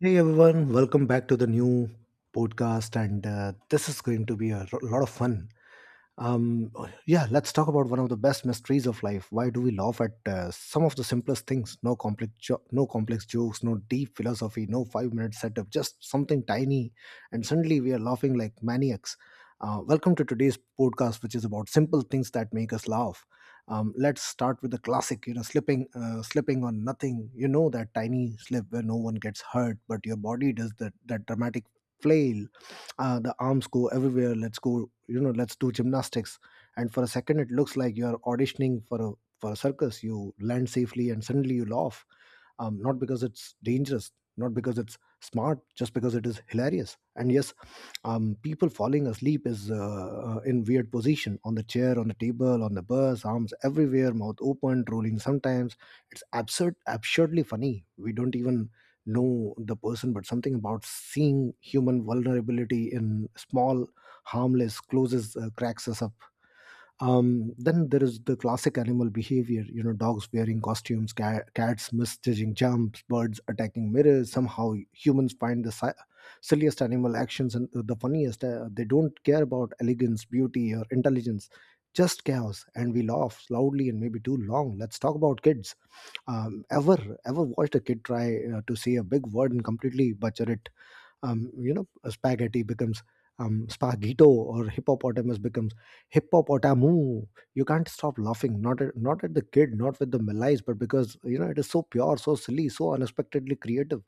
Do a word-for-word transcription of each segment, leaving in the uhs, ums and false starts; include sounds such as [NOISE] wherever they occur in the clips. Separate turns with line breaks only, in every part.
Hey everyone, welcome back to the new podcast, and uh, this is going to be a ro- lot of fun. Um, yeah, let's talk about one of the best mysteries of life. Why do we laugh at uh, some of the simplest things? No complex, jo- no complex jokes, no deep philosophy, no five-minute setup. Just something tiny, and suddenly we are laughing like maniacs. Uh, welcome to today's podcast, which is about simple things that make us laugh. Um, let's start with the classic, you know, slipping, uh, slipping on nothing. You know that tiny slip where no one gets hurt, but your body does that that dramatic flail. Uh, the arms go everywhere. Let's go, you know, let's do gymnastics, and for a second it looks like you're auditioning for a for a circus. You land safely and suddenly you laugh, um, not because it's dangerous, not because it's smart, just because it is hilarious. And yes, um, people falling asleep is uh, uh, in weird position on the chair, on the table, on the bus, arms everywhere, mouth open, rolling sometimes. It's absurd, absurdly funny. We don't even know the person, but something about seeing human vulnerability in small, harmless, closes, uh, cracks us up. Um, then there is the classic animal behavior. You know, dogs wearing costumes, ca- cats misjudging jumps, birds attacking mirrors. Somehow humans find the si- silliest animal actions and the funniest. Uh, they don't care about elegance, beauty, or intelligence, just chaos, and we laugh loudly and maybe too long. Let's talk about kids. um, ever Ever watched a kid try uh, to say a big word and completely butcher it? Um, you know, a spaghetti becomes, um, spaghetto, or hippopotamus becomes hippopotamu. You can't stop laughing, not at, not at the kid, not with the malice, but because you know it is so pure, so silly, so unexpectedly creative.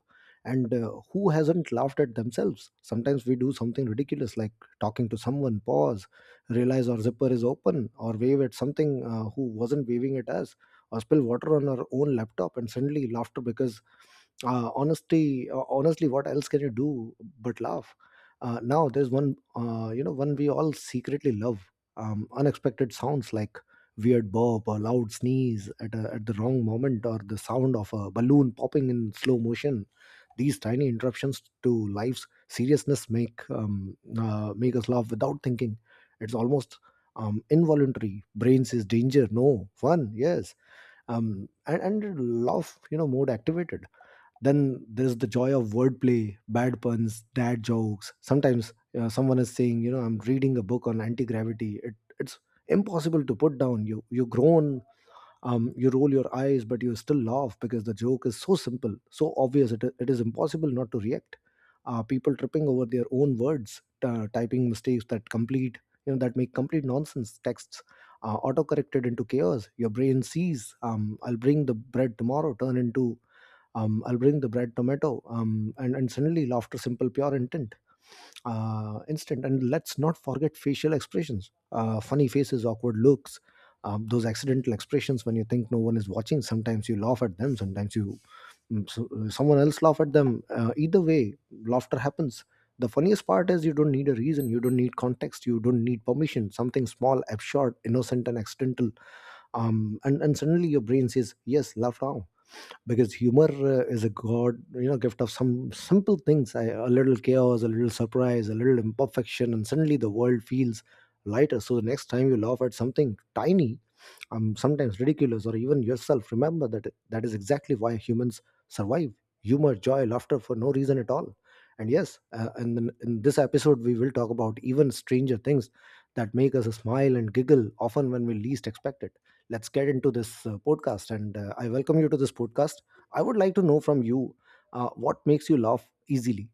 And uh, who hasn't laughed at themselves? Sometimes we do something ridiculous, like talking to someone, pause, realize our zipper is open, or wave at something, uh, who wasn't waving at us, or spill water on our own laptop, and suddenly laughter because, uh, honestly uh, honestly, what else can you do but laugh? Uh, now there's one, uh, you know, one we all secretly love. Um, unexpected sounds, like weird burp or loud sneeze at, a, at the wrong moment, or the sound of a balloon popping in slow motion. These tiny interruptions to life's seriousness make, um, uh, make us laugh without thinking. It's almost um, involuntary. Brain says danger no, fun yes, um, and, and laugh, you know, mode activated. Then there's the joy of wordplay, bad puns, dad jokes. Sometimes uh, someone is saying, you know, I'm reading a book on anti-gravity. It, it's impossible to put down. You you groan, um, you roll your eyes, but you still laugh because the joke is so simple, so obvious. It, it is impossible not to react. Uh, people tripping over their own words, uh, typing mistakes that complete, you know, that make complete nonsense texts, uh, auto-corrected into chaos. Your brain sees, um, I'll bring the bread tomorrow, turn into, um, I'll bring the bread tomato, um, and, and suddenly laughter, simple, pure intent, uh, instant. And let's not forget facial expressions, uh, funny faces, awkward looks, um, those accidental expressions when you think no one is watching. Sometimes you laugh at them, sometimes you, mm, so, uh, someone else laugh at them. Uh, either way, laughter happens. The funniest part is you don't need a reason, you don't need context, you don't need permission. Something small, absurd, innocent, and accidental, um, and and suddenly your brain says yes, laugh now, because humor uh, is a god, you know, gift of some simple things. I- a little chaos, a little surprise, a little imperfection, and suddenly the world feels lighter. So the next time you laugh at something tiny, um, sometimes ridiculous, or even yourself, remember that that is exactly why humans survive: humor, joy, laughter for no reason at all. And yes, uh, and in, in this episode we will talk about even stranger things that make us smile and giggle, often when we least expect it. Let's get into this uh, podcast. And uh, I welcome you to this podcast. I would like to know from you uh, what makes you laugh easily.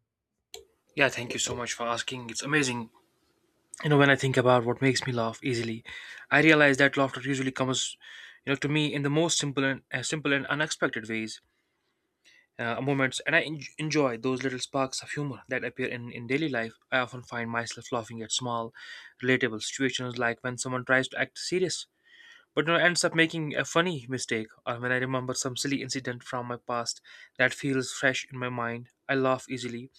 Yeah, thank you so much for asking. It's amazing. You know, when I think about what makes me laugh easily, I realize that laughter usually comes, you know, to me in the most simple and uh, simple and unexpected ways, uh, moments, and I en- enjoy those little sparks of humor that appear in in daily life. I often find myself laughing at small, relatable situations, like when someone tries to act serious but you know, ends up making a funny mistake, or when I remember some silly incident from my past that feels fresh in my mind. I laugh easily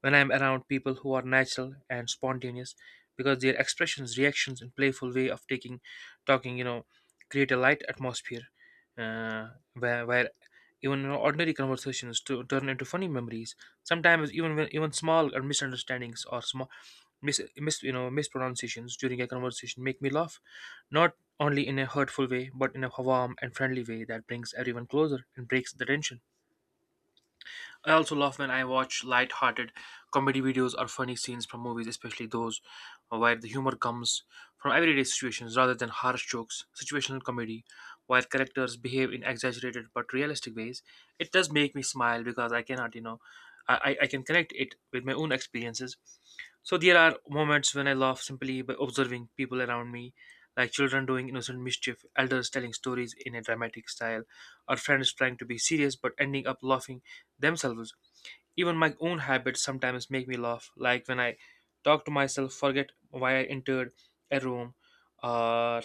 when I'm around people who are natural and spontaneous because their expressions, reactions, and playful way of taking talking, you know, create a light atmosphere uh, where, where even you know, ordinary conversations to turn into funny memories. Sometimes even when, even small or misunderstandings or small mis, mis you know mispronunciations during a conversation make me laugh, not only in a hurtful way but in a warm and friendly way that brings everyone closer and breaks the tension. I also love when I watch light-hearted comedy videos or funny scenes from movies, especially those where the humor comes from everyday situations rather than harsh jokes. Situational comedy, where characters behave in exaggerated but realistic ways, it does make me smile because I cannot, you know, I, I I can connect it with my own experiences. So there are moments when I laugh simply by observing people around me, like children doing innocent mischief, elders telling stories in a dramatic style, or friends trying to be serious but ending up laughing themselves. Even my own habits sometimes make me laugh, like when I talk to myself, forget why I entered a room, or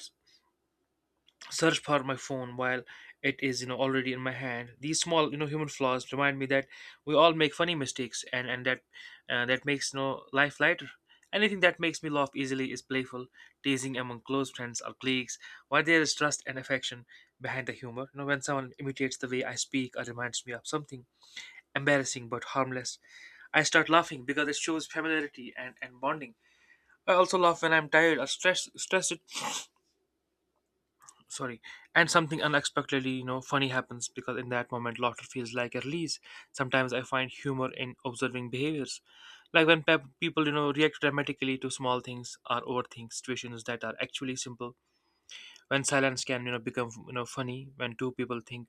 search for my phone while it is you know already in my hand. These small you know human flaws remind me that we all make funny mistakes, and and that uh, that makes you know life lighter. Anything that makes me laugh easily is playful, teasing among close friends or colleagues, while there is trust and affection behind the humor. You know, when someone imitates the way I speak or reminds me of something embarrassing but harmless. I start laughing because it shows familiarity and, and bonding. I also laugh when I'm tired or stressed, stressed. Sorry, and something unexpectedly, you know, funny happens because in that moment, laughter feels like a release. Sometimes I find humor in observing behaviors, like when pep- people, you know, react dramatically to small things or overthink situations that are actually simple. When silence can, you know, become, you know, funny when two people think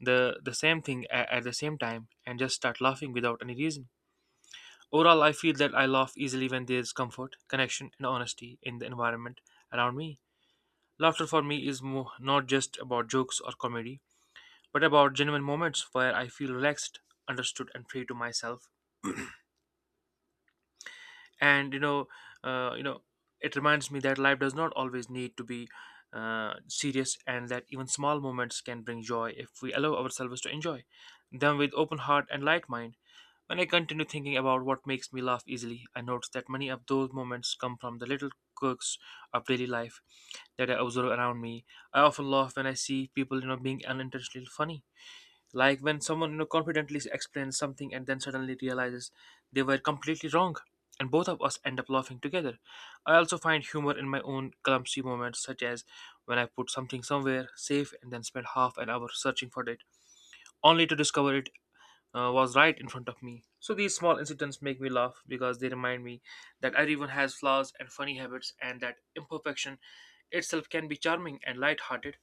the the same thing at, at the same time and just start laughing without any reason. Overall, I feel that I laugh easily when there's comfort, connection, and honesty in the environment around me. Laughter for me is mo- not just about jokes or comedy, but about genuine moments where I feel relaxed, understood, and free to myself. And you know, uh, you know, it reminds me that life does not always need to be uh, serious, and that even small moments can bring joy if we allow ourselves to enjoy them with open heart and light mind. When I continue thinking about what makes me laugh easily, I notice that many of those moments come from the little quirks of daily life that I observe around me. I often laugh when I see people, you know, being unintentionally funny. Like when someone, you know, confidently explains something and then suddenly realizes they were completely wrong. And both of us end up laughing together. I also find humor in my own clumsy moments, such as when I put something somewhere safe and then spend half an hour searching for it, only to discover it uh, was right in front of me. So these small incidents make me laugh because they remind me that everyone has flaws and funny habits and that imperfection itself can be charming and light-hearted.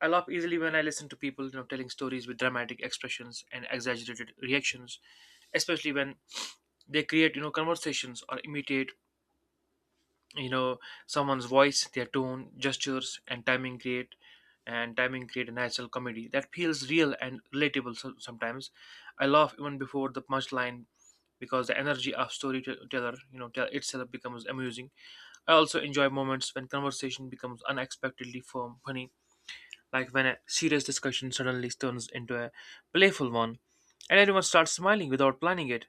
I laugh easily when I listen to people, you know, telling stories with dramatic expressions and exaggerated reactions, especially when they create, you know, conversations or imitate you know someone's voice, their tone, gestures and timing create and timing create a natural comedy that feels real and relatable. So- sometimes I laugh even before the punchline because the energy of storyteller you know tell itself becomes amusing. I also enjoy moments when conversation becomes unexpectedly firm funny, like when a serious discussion suddenly turns into a playful one and everyone starts smiling without planning it.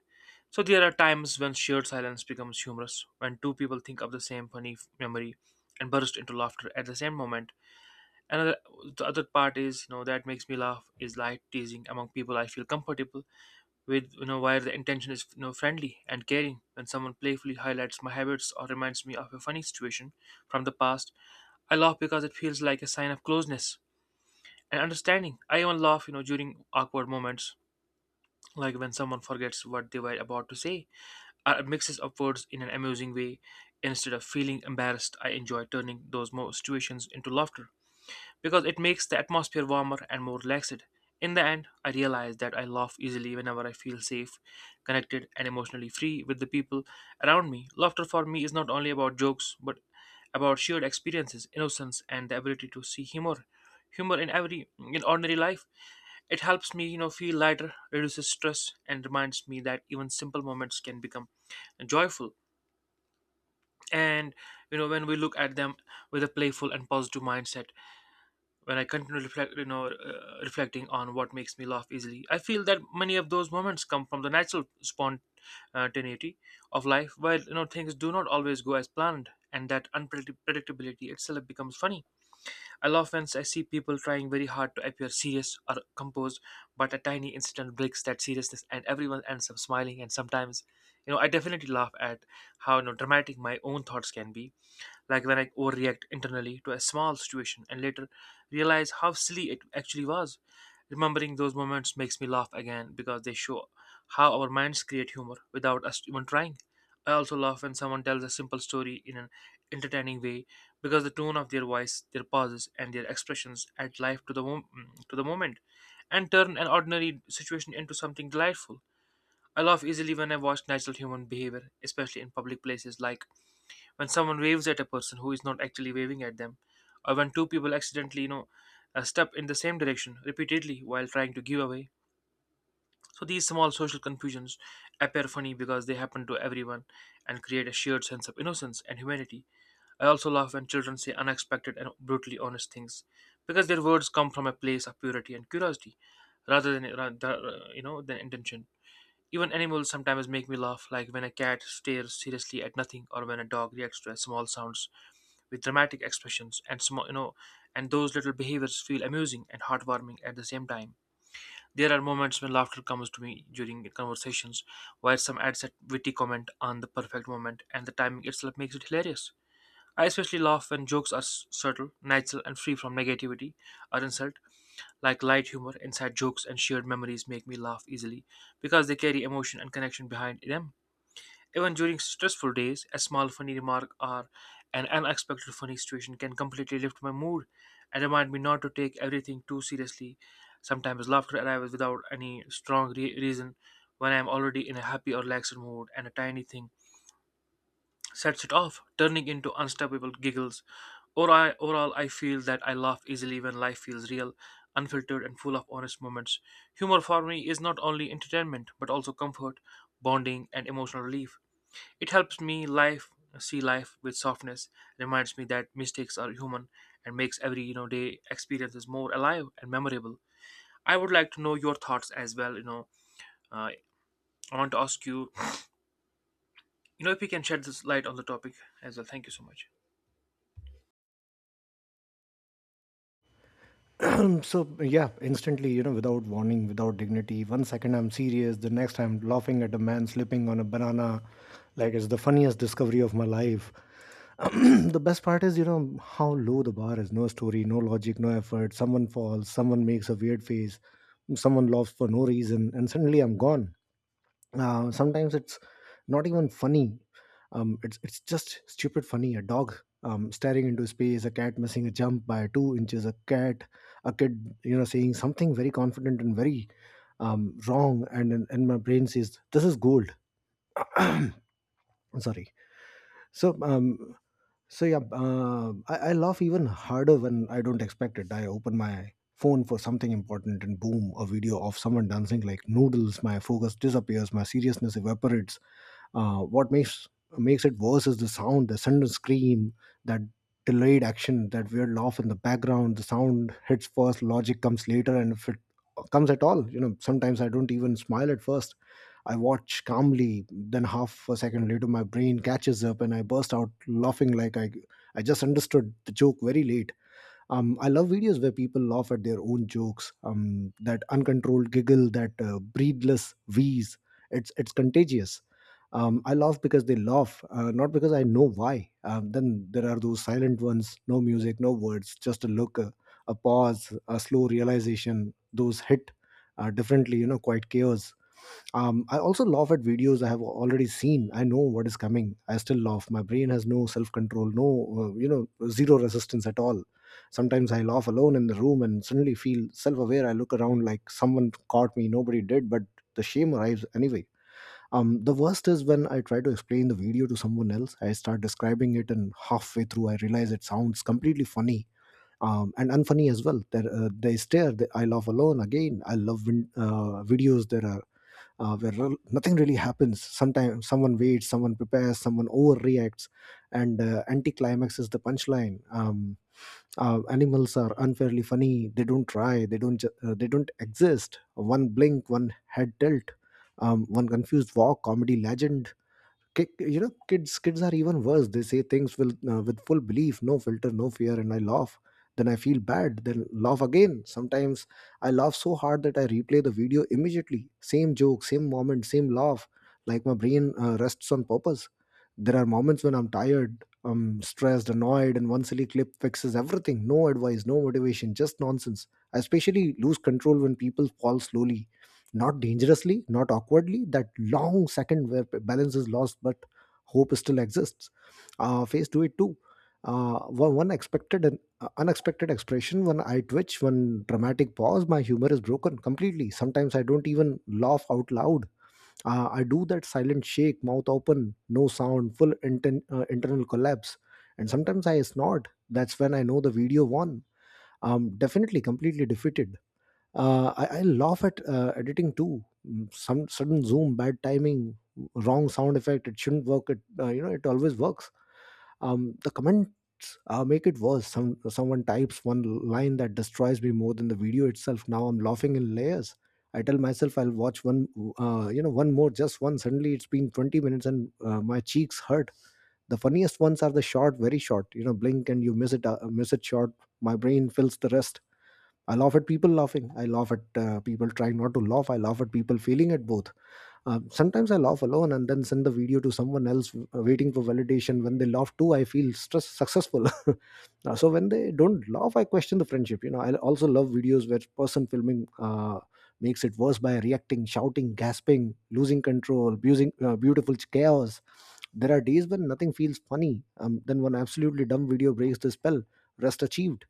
So there are times when shared silence becomes humorous, when two people think of the same funny f- memory and burst into laughter at the same moment. Another the other part is, you know, that makes me laugh is light teasing among people I feel comfortable with, you know, where the intention is, you know, friendly and caring. When someone playfully highlights my habits or reminds me of a funny situation from the past, I laugh because it feels like a sign of closeness and understanding. I even laugh, you know, during awkward moments, like when someone forgets what they were about to say, or mixes up words in an amusing way. Instead of feeling embarrassed, I enjoy turning those mo- situations into laughter because it makes the atmosphere warmer and more relaxed. In the end, I realized that I laugh easily whenever I feel safe, connected, and emotionally free with the people around me. Laughter for me is not only about jokes, but about shared experiences, innocence, and the ability to see humor, humor in every in ordinary life. It helps me, you know, feel lighter, reduces stress, and reminds me that even simple moments can become joyful. And you know, when we look at them with a playful and positive mindset, when I continue reflect, you know, uh, reflecting on what makes me laugh easily, I feel that many of those moments come from the natural spontaneity of life, where you know things do not always go as planned, and that unpredictability itself becomes funny. I laugh when I see people trying very hard to appear serious or composed, but a tiny incident breaks that seriousness, and everyone ends up smiling. And sometimes, you know, I definitely laugh at how you know, dramatic my own thoughts can be, like when I overreact internally to a small situation and later realize how silly it actually was. Remembering those moments makes me laugh again because they show how our minds create humor without us even trying. I also laugh when someone tells a simple story in an entertaining way because the tone of their voice, their pauses, and their expressions add life to the mom- to the moment and turn an ordinary situation into something delightful. I laugh easily when I watch natural human behavior, especially in public places, like when someone waves at a person who is not actually waving at them, or when two people accidentally, you know, uh, step in the same direction repeatedly while trying to give away. So these small social confusions appear funny because they happen to everyone and create a shared sense of innocence and humanity. I also laugh when children say unexpected and brutally honest things because their words come from a place of purity and curiosity rather than ra- da- you know than intention. Even animals sometimes make me laugh, like when a cat stares seriously at nothing, or when a dog reacts to small sounds with dramatic expressions. And small, you know, and those little behaviors feel amusing and heartwarming at the same time. There are moments when laughter comes to me during conversations, where some adds a witty comment on the perfect moment, and the timing itself makes it hilarious. I especially laugh when jokes are s- subtle, natural, and free from negativity or insult, like light humor, inside jokes, and shared memories make me laugh easily because they carry emotion and connection behind them. Even during stressful days, a small funny remark or an unexpected funny situation can completely lift my mood and remind me not to take everything too seriously. Sometimes laughter arrives without any strong re- reason when I am already in a happy or relaxed mood, and a tiny thing sets it off, turning into unstoppable giggles. Or I, overall, I feel that I laugh easily when life feels real, unfiltered, and full of honest moments. Humor for me is not only entertainment but also comfort, bonding, and emotional relief. It helps me life see life with softness, reminds me that mistakes are human, and makes every you know day experiences more alive and memorable. I would like to know your thoughts as well. You know, uh, I want to ask you, you know, if you can shed this light on the topic as well. Thank you so much.
[CLEARS THROAT] Um, so yeah, instantly, you know, without warning, without dignity. One second I'm serious, the next I'm laughing at a man slipping on a banana, like it's the funniest discovery of my life. [CLEARS THROAT] The best part is, you know, how low the bar is. No story, no logic, no effort. Someone falls, someone makes a weird face, someone laughs for no reason, and suddenly I'm gone. Uh, sometimes it's not even funny. Um, it's it's just stupid funny. A dog um, staring into space, a cat missing a jump by two inches, a cat a kid, you know, saying something very confident and very um, wrong, and and and my brain says this is gold. I'm sorry. so um so yeah, uh, I, I laugh even harder when I don't expect it. I open my phone for something important, and boom, a video of someone dancing like noodles. My focus disappears, my seriousness evaporates. Uh, what makes Makes it worse is the sound, the sudden scream, that delayed action, that weird laugh in the background. The sound hits first, logic comes later, and if it comes at all, you know, sometimes I don't even smile at first. I watch calmly, then half a second later, my brain catches up and I burst out laughing, like I, I just understood the joke very late. um, I love videos where people laugh at their own jokes. Um, that uncontrolled giggle, that uh, breathless wheeze, it's it's contagious. Um, I laugh because they laugh, uh, not because I know why. Um, then there are those silent ones, no music, no words, just a look, a, a pause, a slow realization. Those hit uh, differently, you know, quite chaos. Um, I also laugh at videos I have already seen. I know what is coming. I still laugh. My brain has no self control, no, uh, you know, zero resistance at all. Sometimes I laugh alone in the room and suddenly feel self aware. I look around like someone caught me, nobody did, but the shame arrives anyway. Um, the worst is when I try to explain the video to someone else. I start describing it, and halfway through, I realize it sounds completely funny um, and unfunny as well. There, uh, they stare. They, I laugh alone again. I love win- uh, videos. There are uh, where rel- nothing really happens. Sometimes someone waits, someone prepares, someone overreacts, and uh, anticlimax is the punchline. Um, uh, animals are unfairly funny. They don't try. They don't. Ju- uh, they don't exist. One blink, one head tilt, um, one confused walk. Comedy legend. Ki- you know, kids kids are even worse. They say things will uh, with full belief, no filter, no fear, and I laugh, then I feel bad, then laugh again. Sometimes I laugh so hard that I replay the video immediately, same joke, same moment, same laugh, like my brain uh, rests on purpose. There are moments when I'm tired, I'm stressed, annoyed, and one silly clip fixes everything, no advice, no motivation, just nonsense. I especially lose control when people fall slowly, not dangerously, not awkwardly. That long second where balance is lost, but hope still exists. Uh, phase two it too. Uh, one, one expected and uh, unexpected expression, one eye twitch, one dramatic pause. My humor is broken completely. Sometimes I don't even laugh out loud. Uh, I do that silent shake, mouth open, no sound, full inten- uh, internal collapse. And sometimes I snort. That's when I know the video won. Um, definitely completely defeated. uh, I, I laugh at uh, editing too. Mm, Some sudden zoom, bad timing, wrong sound effect. It shouldn't work. It uh, You know, it always works. Um, the comments uh, make it worse. Some someone types one line that destroys me more than the video itself. Now I'm laughing in layers. I tell myself I'll watch one, uh, you know, one more, just one. Suddenly it's been twenty minutes and uh, my cheeks hurt. The funniest ones are the short, very short. You know, blink and you miss it, uh, miss it short. My brain fills the rest. I laugh at people laughing. I laugh at uh, people trying not to laugh. I laugh at people failing at both. Um, sometimes I laugh alone and then send the video to someone else, uh, waiting for validation. When they laugh too, I feel stress successful. [LAUGHS] Uh, so when they don't laugh, I question the friendship. You know, I also love videos where person filming uh, makes it worse by reacting, shouting, gasping, losing control, abusing uh, beautiful chaos. There are days when nothing feels funny. Um, then one absolutely dumb video breaks the spell. Rest achieved.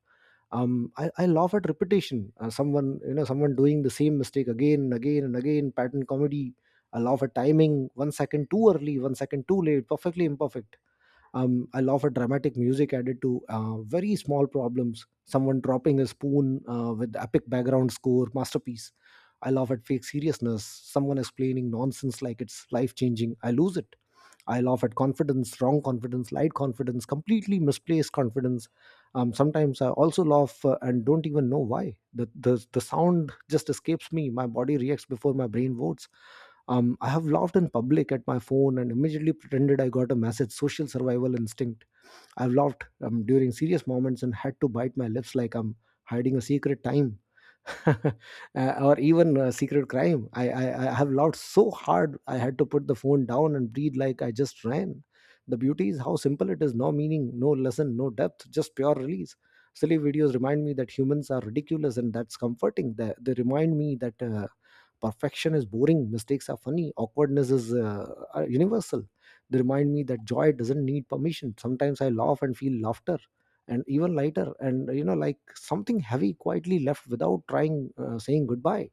Um, I, I laugh at repetition. Uh, someone, you know, someone doing the same mistake again and again and again. Pattern comedy. I laugh at timing. One second too early, one second too late. Perfectly imperfect. um, I love a dramatic music added to uh, very small problems, someone dropping a spoon uh, with epic background score, masterpiece. I love at fake seriousness, someone explaining nonsense like it's life changing, I lose it. I laugh at confidence, wrong confidence, light confidence, completely misplaced confidence. Um, sometimes I also laugh uh, and don't even know why. The, the the sound just escapes me. My body reacts before my brain votes. Um, I have laughed in public at my phone and immediately pretended I got a message. Social survival instinct. I've laughed um, during serious moments and had to bite my lips like I'm hiding a secret time. [LAUGHS] uh, or even a secret crime. I, I, I have laughed so hard I had to put the phone down and breathe like I just ran. The beauty is how simple it is, no meaning, no lesson, no depth, just pure release. Silly videos remind me that humans are ridiculous and that's comforting. They, they remind me that. Uh, Perfection is boring, mistakes are funny, awkwardness is uh, uh, universal. They remind me that joy doesn't need permission. Sometimes I laugh and feel laughter and even lighter, and you know, like something heavy quietly left without trying, uh, saying goodbye.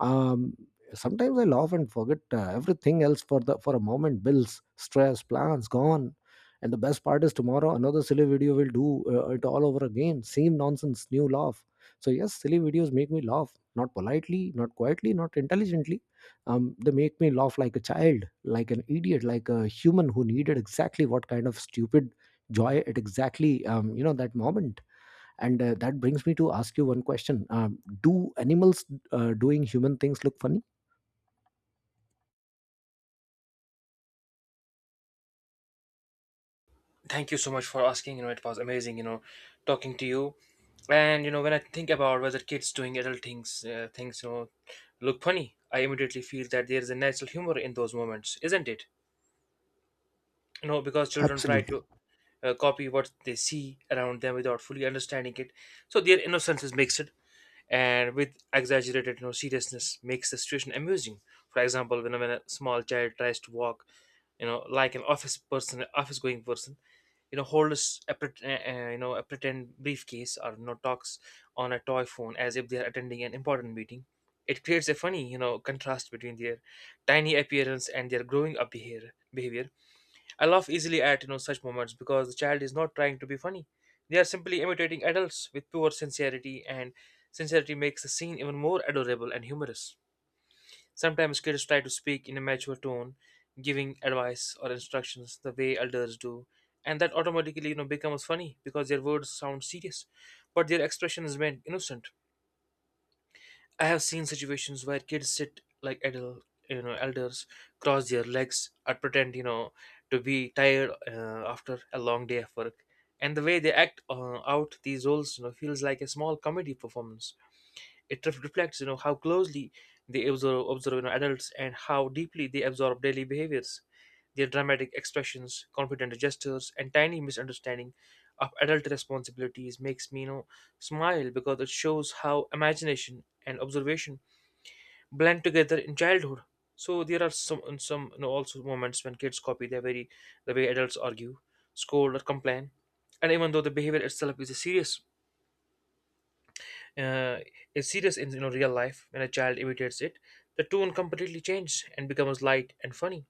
um, Sometimes I laugh and forget uh, everything else for the for a moment. Bills, stress, plans gone. And the best part is tomorrow another silly video will do uh, it all over again, same nonsense, new laugh. So yes, silly videos make me laugh, not politely, not quietly, not intelligently. Um, they make me laugh like a child, like an idiot, like a human who needed exactly what kind of stupid joy at exactly, um, you know, that moment. And uh, that brings me to ask you one question. Um, do animals uh, doing human things look funny?
Thank you so much for asking. You know, it was amazing. You know, talking to you. And you know, when I think about whether kids doing adult things, uh, things you know, look funny, I immediately feel that there is a natural humor in those moments, isn't it? You know, because children try
Absolutely.
to uh, copy what they see around them without fully understanding it, so their innocence is mixed and with exaggerated you know, seriousness makes the situation amusing. For example, when, a- when a small child tries to walk, you know, like an office person, office going person, you know, holds a, pret- uh, uh, you know, a pretend briefcase, or you know, talks on a toy phone as if they are attending an important meeting. It creates a funny, you know, contrast between their tiny appearance and their growing up behavior. behavior. I laugh easily at you know such moments because the child is not trying to be funny. They are simply imitating adults with pure sincerity, and sincerity makes the scene even more adorable and humorous. Sometimes kids try to speak in a mature tone, giving advice or instructions the way elders do, and that automatically you know becomes funny because their words sound serious, but their expression is meant innocent. I have seen situations where kids sit like adult, you know, elders cross their legs or pretend, you know, to be tired uh, after a long day of work. And the way they act uh, out these roles, you know, feels like a small comedy performance. It ref- reflects, you know, how closely they observe, observe you know, adults and how deeply they absorb daily behaviors. Their dramatic expressions, confident gestures, and tiny misunderstanding of adult responsibilities makes me, you know, smile because it shows how imagination and observation blend together in childhood. So there are some some you know, also moments when kids copy their very the way adults argue, scold, or complain. And even though the behavior itself is a serious, uh, is serious in you know real life, when a child imitates it, the tone completely changes and becomes light and funny.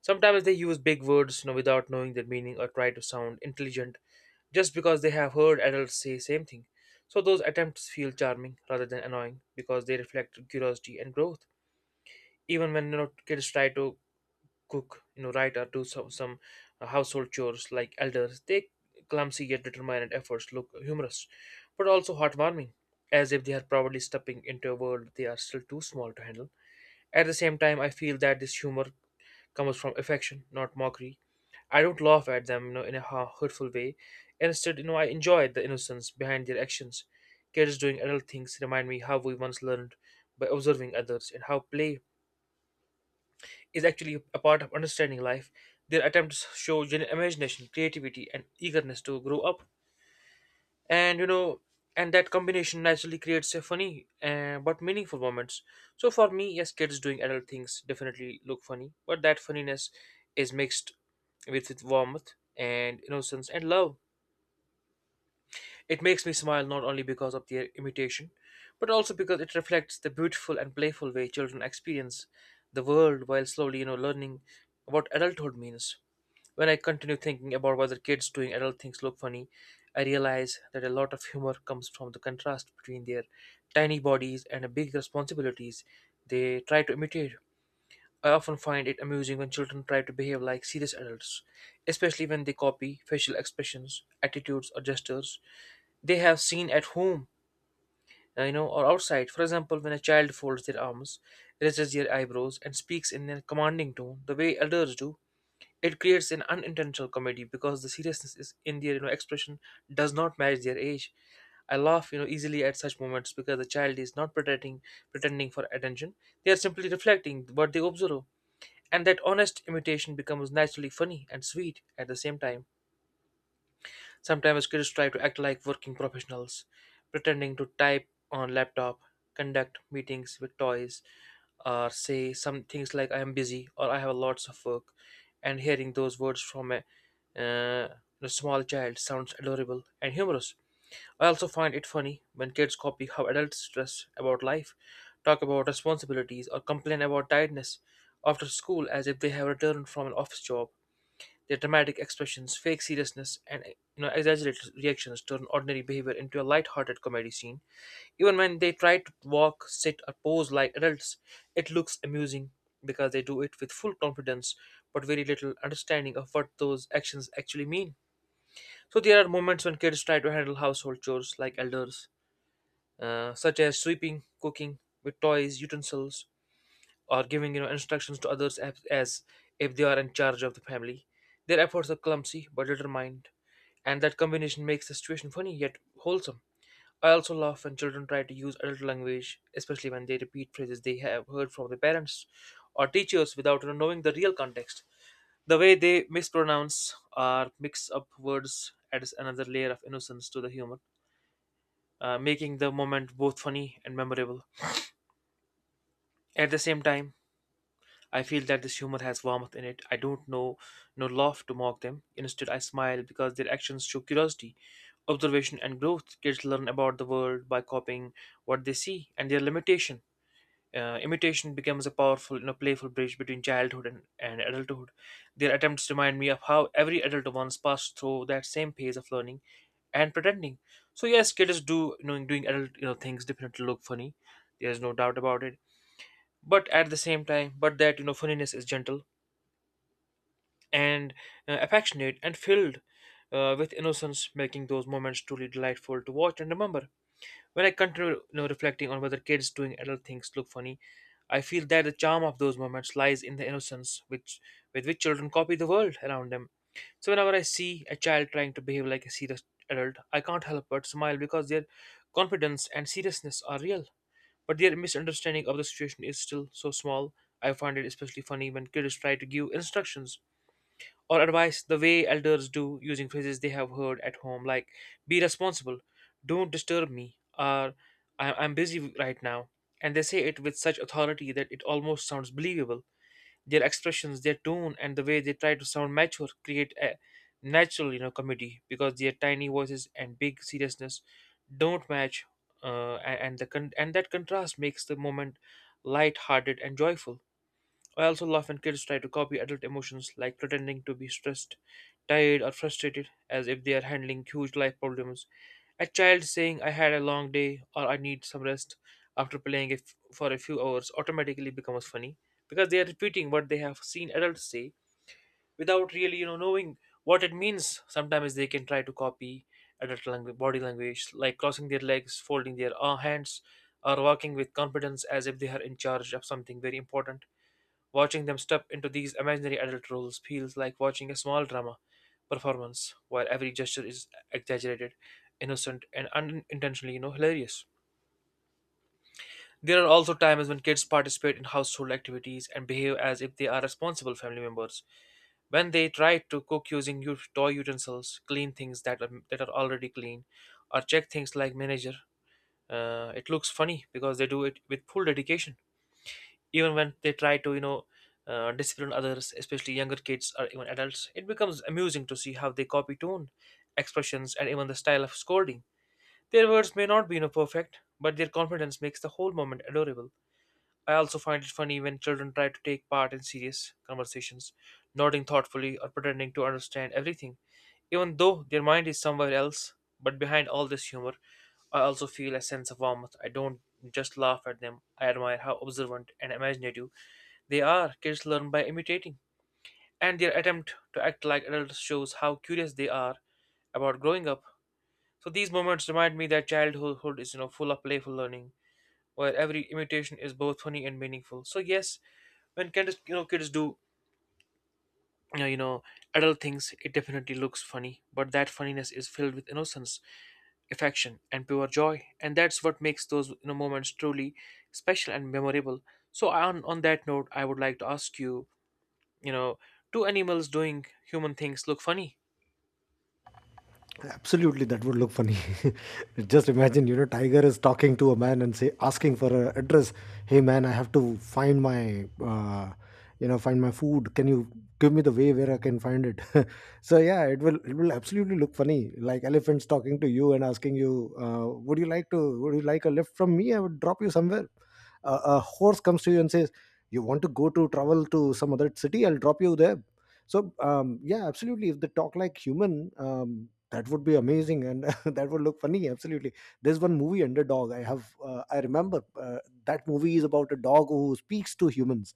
Sometimes they use big words, you know, without knowing their meaning, or try to sound intelligent just because they have heard adults say same thing. So those attempts feel charming rather than annoying because they reflect curiosity and growth. Even when you know kids try to cook, you know write, or do some, some household chores like elders, they clumsy yet determined efforts look humorous but also heartwarming, as if they are probably stepping into a world they are still too small to handle. At the same time, I feel that this humor comes from affection, not mockery. I don't laugh at them, you know in a ha- hurtful way. Instead, you know I enjoy the innocence behind their actions. Kids doing adult things remind me how we once learned by observing others, and how play is actually a part of understanding life. Their attempts show gen- imagination, creativity, and eagerness to grow up. And you know, and that combination naturally creates a funny uh, but meaningful moments. So for me, yes, kids doing adult things definitely look funny, but that funniness is mixed with its warmth and innocence and love. It makes me smile not only because of their imitation, but also because it reflects the beautiful and playful way children experience the world while slowly, you know, learning what adulthood means. When I continue thinking about whether kids doing adult things look funny, I realize that a lot of humor comes from the contrast between their tiny bodies and the big responsibilities they try to imitate. I often find it amusing when children try to behave like serious adults, especially when they copy facial expressions, attitudes, or gestures they have seen at home, uh, you know, or outside. For example, when a child folds their arms, raises their eyebrows, and speaks in a commanding tone, the way elders do, it creates an unintentional comedy because the seriousness is in their you know expression does not match their age. I laugh, you know, easily at such moments because the child is not pretending pretending for attention. They are simply reflecting what they observe. And that honest imitation becomes naturally funny and sweet at the same time. Sometimes kids try to act like working professionals, pretending to type on laptop, conduct meetings with toys, or say some things like "I am busy" or "I have lots of work." And hearing those words from a, uh, a small child sounds adorable and humorous. I also find it funny when kids copy how adults stress about life, talk about responsibilities, or complain about tiredness after school as if they have returned from an office job. Their dramatic expressions, fake seriousness, and you know exaggerated reactions turn ordinary behavior into a light-hearted comedy scene. Even when they try to walk, sit, or pose like adults, it looks amusing because they do it with full confidence but very little understanding of what those actions actually mean. So there are moments when kids try to handle household chores like elders, uh, such as sweeping, cooking with toys, utensils, or giving you know instructions to others, as, as if they are in charge of the family. Their efforts are clumsy but determined, and that combination makes the situation funny yet wholesome. I also laugh when children try to use adult language, especially when they repeat phrases they have heard from their parents or teachers without knowing the real context. The way they mispronounce or mix up words adds another layer of innocence to the humor, uh, making the moment both funny and memorable. At the same time, I feel that this humor has warmth in it. I don't know no laugh to mock them. Instead, I smile because their actions show curiosity, observation, and growth. Kids learn about the world by copying what they see and their limitation. Uh, imitation becomes a powerful, you know, playful bridge between childhood and, and adulthood. Their attempts remind me of how every adult once passed through that same phase of learning and pretending. So yes, kids do you know doing adult you know things definitely look funny. There's no doubt about it. But at the same time, but that you know funniness is gentle and uh, affectionate, and filled uh, with innocence, making those moments truly delightful to watch and remember. When I continue you know, reflecting on whether kids doing adult things look funny, I feel that the charm of those moments lies in the innocence which with which children copy the world around them. So whenever I see a child trying to behave like a serious adult, I can't help but smile because their confidence and seriousness are real. But their misunderstanding of the situation is still so small. I find it especially funny when kids try to give instructions or advice the way elders do, using phrases they have heard at home, like "Be responsible," "Don't disturb me," or "I- I'm busy right now," and they say it with such authority that it almost sounds believable. Their expressions, their tone, and the way they try to sound mature create a natural, you know, comedy, because their tiny voices and big seriousness don't match. Uh, a- and the con- and that contrast makes the moment light-hearted and joyful. I also laugh when kids try to copy adult emotions, like pretending to be stressed, tired, or frustrated, as if they are handling huge life problems. A child saying, "I had a long day" or "I need some rest" after playing it for a few hours automatically becomes funny because they are repeating what they have seen adults say without really, you know, knowing what it means. Sometimes they can try to copy adult langu- body language, like crossing their legs, folding their uh, hands, or walking with confidence as if they are in charge of something very important. Watching them step into these imaginary adult roles feels like watching a small drama performance where every gesture is exaggerated, innocent, and unintentionally, you know, hilarious. There are also times when kids participate in household activities and behave as if they are responsible family members. When they try to cook using u- toy utensils, clean things that are, that are already clean, or check things like manager, uh, it looks funny because they do it with full dedication. Even when they try to you know uh, discipline others, especially younger kids or even adults, it becomes amusing to see how they copy tone, expressions, and even the style of scolding. Their words may not be, you know perfect, but their confidence makes the whole moment adorable. I also find it funny when children try to take part in serious conversations, nodding thoughtfully or pretending to understand everything even though their mind is somewhere else. But behind all this humor, I also feel a sense of warmth. I don't just laugh at them. I admire how observant and imaginative they are. Kids learn by imitating. And their attempt to act like adults shows how curious they are about growing up. So these moments remind me that childhood is, you know, full of playful learning, where every imitation is both funny and meaningful. So yes, when kids, you know, kids do, you know, you know, adult things, it definitely looks funny, but that funniness is filled with innocence, affection, and pure joy, and that's what makes those, you know, moments truly special and memorable. So on on that note, I would like to ask you, you know, two animals doing human things look funny.
Absolutely, that would look funny. [LAUGHS] Just imagine, you know, Tiger is talking to a man and say, asking for an address. Hey, man, I have to find my, uh, you know, find my food. Can you give me the way where I can find it? [LAUGHS] So yeah, it will it will absolutely look funny. Like elephants talking to you and asking you, uh, would you like to would you like a lift from me? I would drop you somewhere. Uh, a a horse comes to you and says, you want to go to travel to some other city? I'll drop you there. So um, yeah, absolutely. If they talk like human, um, that would be amazing and [LAUGHS] that would look funny, absolutely. There's one movie, Underdog, I have uh, I remember. Uh, that movie is about a dog who speaks to humans.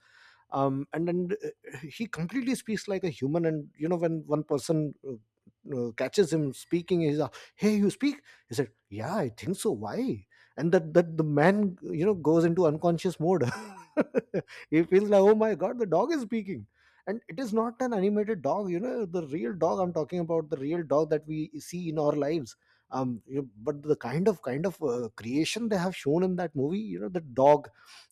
Um, and and uh, He completely speaks like a human, and you know, when one person, uh, uh, catches him speaking, he's like, hey, you speak. He said, yeah, I think so, why? And that that the man, you know, goes into unconscious mode. [LAUGHS] He feels like, oh my god, the dog is speaking. And it is not an animated dog, you know, the real dog. I'm talking about the real dog that we see in our lives. Um you know, but the kind of kind of uh, creation they have shown in that movie, you know, the dog,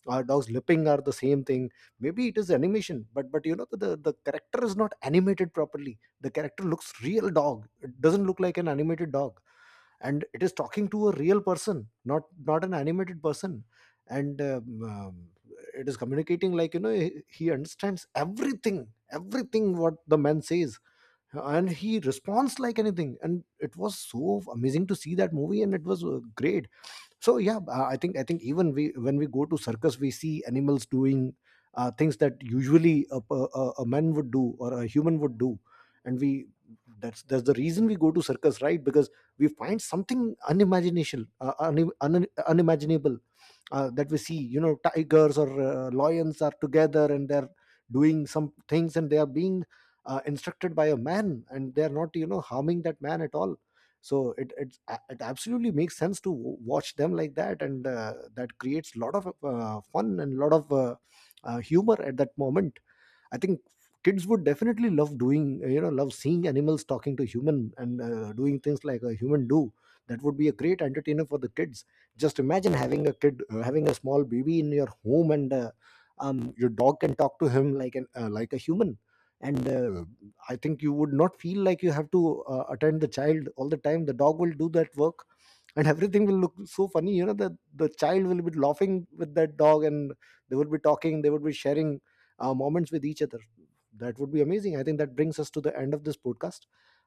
uh, dog's lipping are the same thing. Maybe it is animation, but but you know, the the character is not animated properly. The character looks real dog, it doesn't look like an animated dog. And it is talking to a real person, not not an animated person. And um, um, it is communicating like, you know, he, he understands everything everything what the man says. And he responds like anything, and it was so amazing to see that movie, and it was uh, great. So yeah, uh, i think i think even we, when we go to circus, we see animals doing uh, things that usually a a a a man would do, or a human would do. And we, that's that's the reason we go to circus, right? Because we find something unimagination uh, un, un, unimaginable. Uh, that we see, you know, tigers or uh, lions are together, and they're doing some things, and they are being uh, instructed by a man, and they're not, you know, harming that man at all. So it it it absolutely makes sense to w- watch them like that. And uh, that creates a lot of uh, fun and a lot of uh, uh, humor at that moment. I think kids would definitely love doing uh, you know, love seeing animals talking to human and uh, doing things like a human do. That would be a great entertainer for the kids. Just imagine having a kid, uh, having a small baby in your home, and uh, um, your dog can talk to him like an uh, like a human. And uh, I think you would not feel like you have to uh, attend the child all the time, the dog will do that work. And everything will look so funny, you know, the the child will be laughing with that dog, and they would be talking, they would be sharing uh, moments with each other. That would be amazing. I think that brings us to the end of this podcast.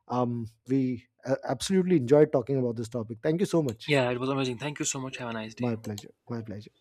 um, We uh, absolutely enjoyed talking about this topic. Thank you so much.
Yeah, it was amazing, thank you so much, have a nice
My
day.
pleasure. My pleasure.